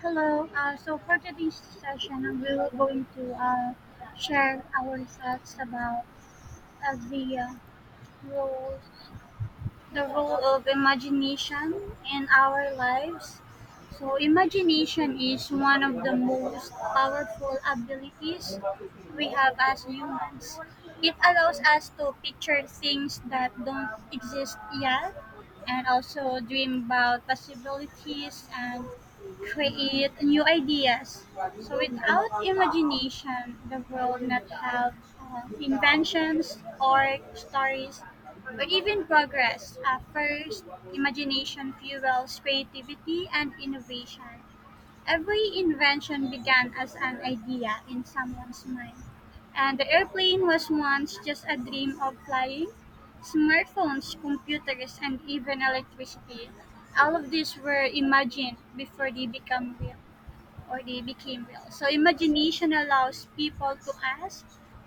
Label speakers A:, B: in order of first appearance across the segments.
A: Hello. So for today's session, we're going to share our thoughts about uh, the uh, roles the role of imagination in our lives. So imagination is one of the most powerful abilities we have as humans. It allows us to picture things that don't exist yet and also dream about possibilities and create new ideas. So without imagination, the world not have inventions or stories but even progress at first, imagination fuels creativity and innovation. Every invention began as an idea in someone's mind. And the airplane was once just a dream of flying. Smartphones, computers, and even electricity. All of these were imagined before they become real. Or they became real. So imagination allows people to ask,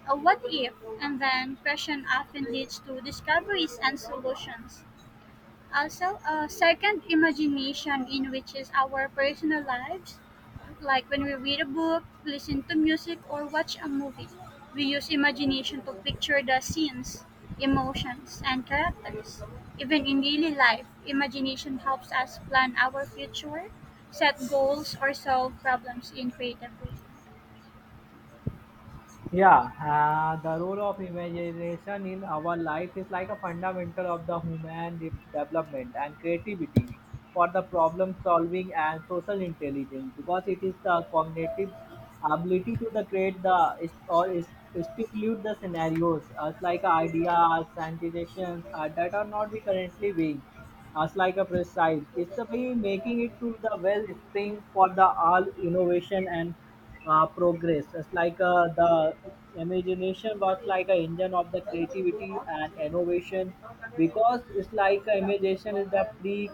A: a what if? And then question often leads to discoveries and solutions. Also, a second imagination in which is our personal lives. Like when we read a book, listen to music, or watch a movie, we use imagination to picture the scenes, emotions, and characters. Even in daily life, imagination helps us plan our future, set goals, or solve problems in creative ways.
B: Yeah, the role of imagination in our life is like a fundamental of the human development and creativity for the problem solving and social intelligence because it is the cognitive ability to the create the is- or is- stimulate the scenarios as like ideas and suggestions that are not be currently being as like a preside. It's a way making it to the wellspring for the all innovation and progress. It's like the imagination was like a engine of the creativity and innovation because it's like imagination is the pre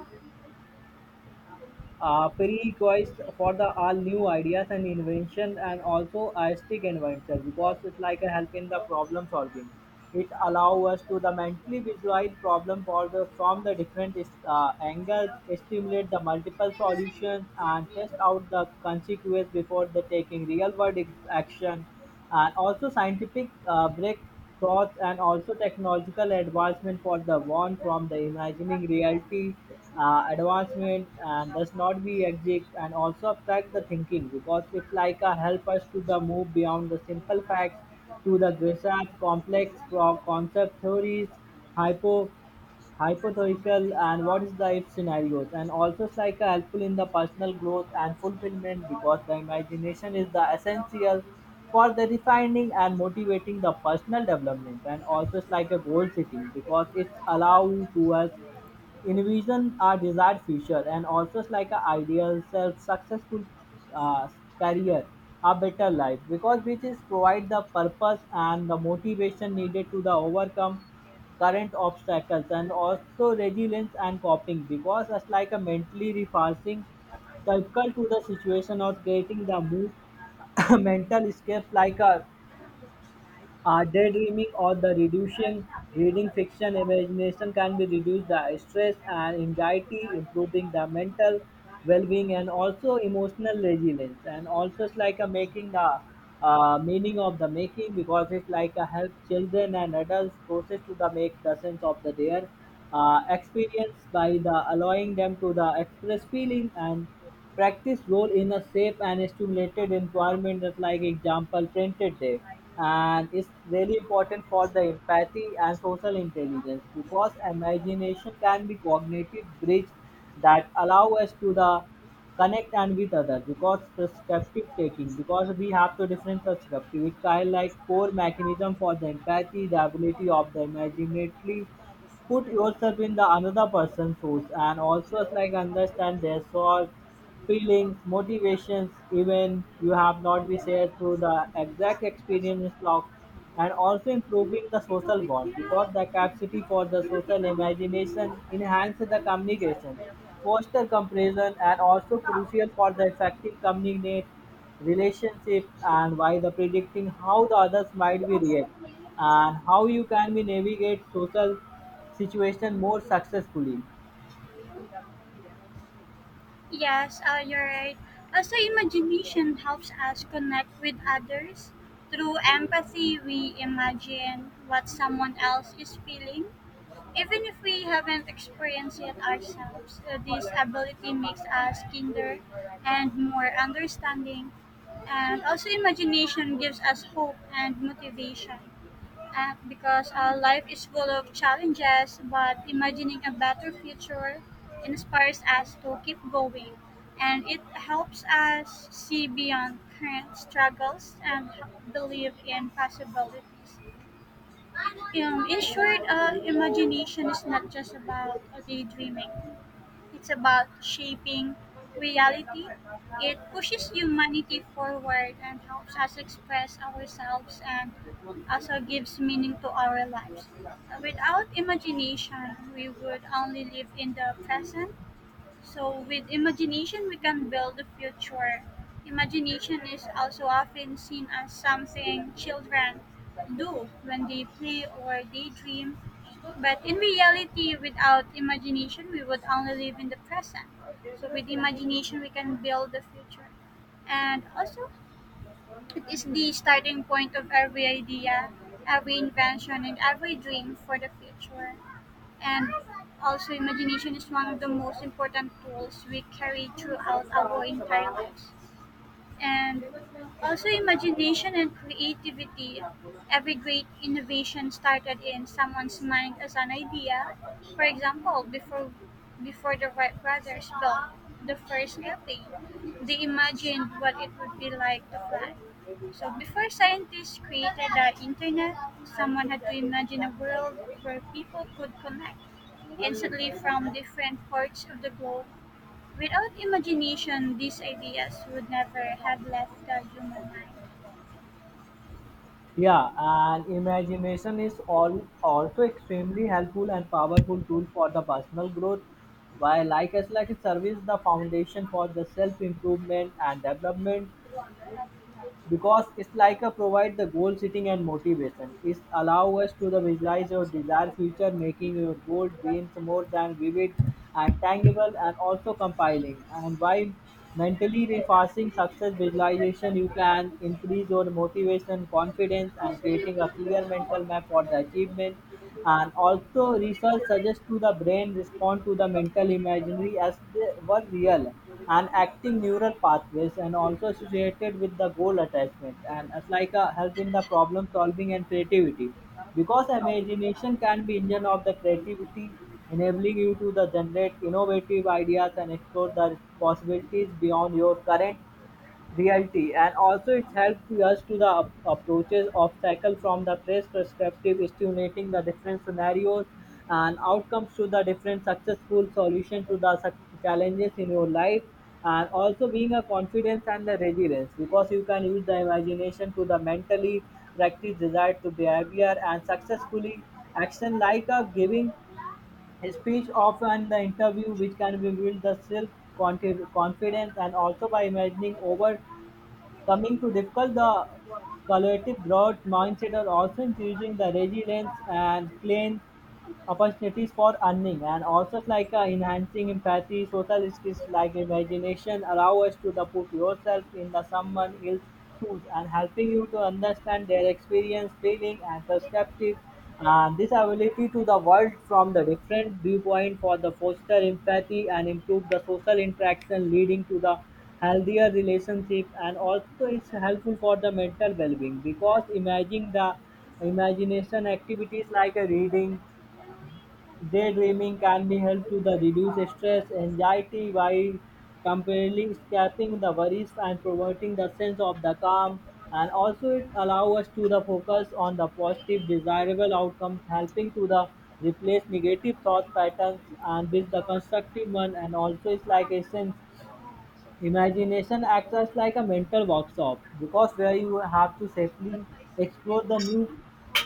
B: uh, prerequisite for the all new ideas and invention and also artistic inventor because it's like a help in the problem solving. It allow us to the mentally visualize problem for the from the different angles, stimulate the multiple solutions and test out the consequence before the taking real world action, and also scientific breakthroughs and also technological advancement for the one from the imagining reality advancement and does not be exact, and also abstract the thinking because it's like a help us to the move beyond the simple facts to the research complex concept theories, hypo hypothetical and what is the if scenarios. And also it's like a helpful in the personal growth and fulfillment because the imagination is the essential for the refining and motivating the personal development, and also it's like a goal setting because it's allow to us envision our desired future, and also it's like a ideal self successful uh, career, a better life, because which is provide the purpose and the motivation needed to the overcome current obstacles. And also resilience and coping because it's like a mentally refacing circle to the situation or creating the move mental escape like a daydreaming or the reducing reading fiction, imagination can be reduce the stress and anxiety, improving the mental well-being and also emotional resilience. And also it's like a making the meaning of the making because it's like a help children and adults process to the make the sense of the their experience by the allowing them to the express feeling and practice role in a safe and stimulated environment, just like example printed there. And it's really important for the empathy and social intelligence because imagination can be cognitive bridge that allow us to the connect and with others because perspective taking, because we have to different perspective, it kind of like core mechanism for the empathy, the ability of the imaginatively put yourself in the another person's shoes, and also it's like understand their thoughts, feelings, motivations, even you have not been shared through the exact experience log. And also improving the social bond because the capacity for the social imagination enhance the communication, foster comparison and also crucial for the effective communicate relationship, and by the predicting how the others might be react and how you can be navigate social situation more successfully.
A: Yes, you're right. Also, imagination helps us connect with others. Through empathy, we imagine what someone else is feeling. Even if we haven't experienced it ourselves, this ability makes us kinder and more understanding. And also, imagination gives us hope and motivation. Because life is full of challenges, but imagining a better future inspires us to keep going. And it helps us see beyond current struggles and believe in possibilities. In short, imagination is not just about daydreaming. It's about shaping reality. It pushes humanity forward and helps us express ourselves and also gives meaning to our lives. Without imagination, we would only live in the present. So with imagination, we can build a future. Imagination is also often seen as something children do when they play or daydream. But in reality, without imagination, we would only live in the present. So with imagination, we can build the future. And also, it is the starting point of every idea, every invention, and every dream for the future. And also, imagination is one of the most important tools we carry throughout our entire lives and also imagination and creativity. Every great innovation started in someone's mind as an idea. For example, before the Wright brothers built the first airplane, they imagined what it would be like to fly. So before scientists created the internet, someone had to imagine a world where people could connect instantly from different parts of the globe. Without imagination, these ideas would never have left the human mind.
B: Yeah, and imagination is all also extremely helpful and powerful tool for the personal growth. While like as like it serves the foundation for the self improvement and development, because it's like a provide the goal setting and motivation, it's allow us to the visualize your desired future, making your goal dreams more than vivid and tangible, and also compiling and by mentally refacing success visualization you can increase your motivation, confidence and creating a clear mental map for the achievement. And also research suggests to the brain respond to the mental imaginary as they were real and acting neural pathways and also associated with the goal attachment. And it's like a help in the problem solving and creativity because imagination can be engine of the creativity, enabling you to the generate innovative ideas and explore the possibilities beyond your current reality, and also it helps us to the approaches obstacle from the player's perspective, stimulating the different scenarios and outcomes to the different successful solution to the challenges in your life. And also being a confidence and the resilience because you can use the imagination to the mentally practice desire to behavior and successfully action like a giving a speech of an interview which can be build the self confidence, and also by imagining over coming to difficult, the collaborative growth mindset are also increasing the resilience and clean opportunities for earning. And also like enhancing empathy social skills, like imagination allow us to the put yourself in the someone else's shoes and helping you to understand their experience, feeling and perspective, and this ability to the world from the different viewpoint for the foster empathy and improve the social interaction leading to the healthier relationship. And also it's helpful for the mental well-being because imagining the imagination activities like a reading, daydreaming can be helpful to the reduce stress, anxiety while completely escaping the worries and promoting the sense of the calm. And also it allows us to the focus on the positive desirable outcomes, helping to the replace negative thought patterns and with the constructive one. And also it's like essence, imagination acts as like a mental workshop because where you have to safely explore the new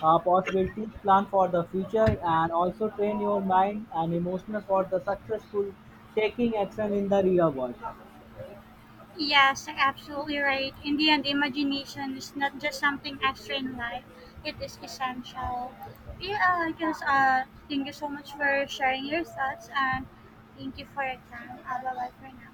B: possibilities, plan for the future, and also train your mind and emotional for the successful taking action in the real world.
A: Yes, absolutely right. In the end, imagination is not just something extra in life, it is essential. Yeah, I guess thank you so much for sharing your thoughts and thank you for your time. Bye bye for now.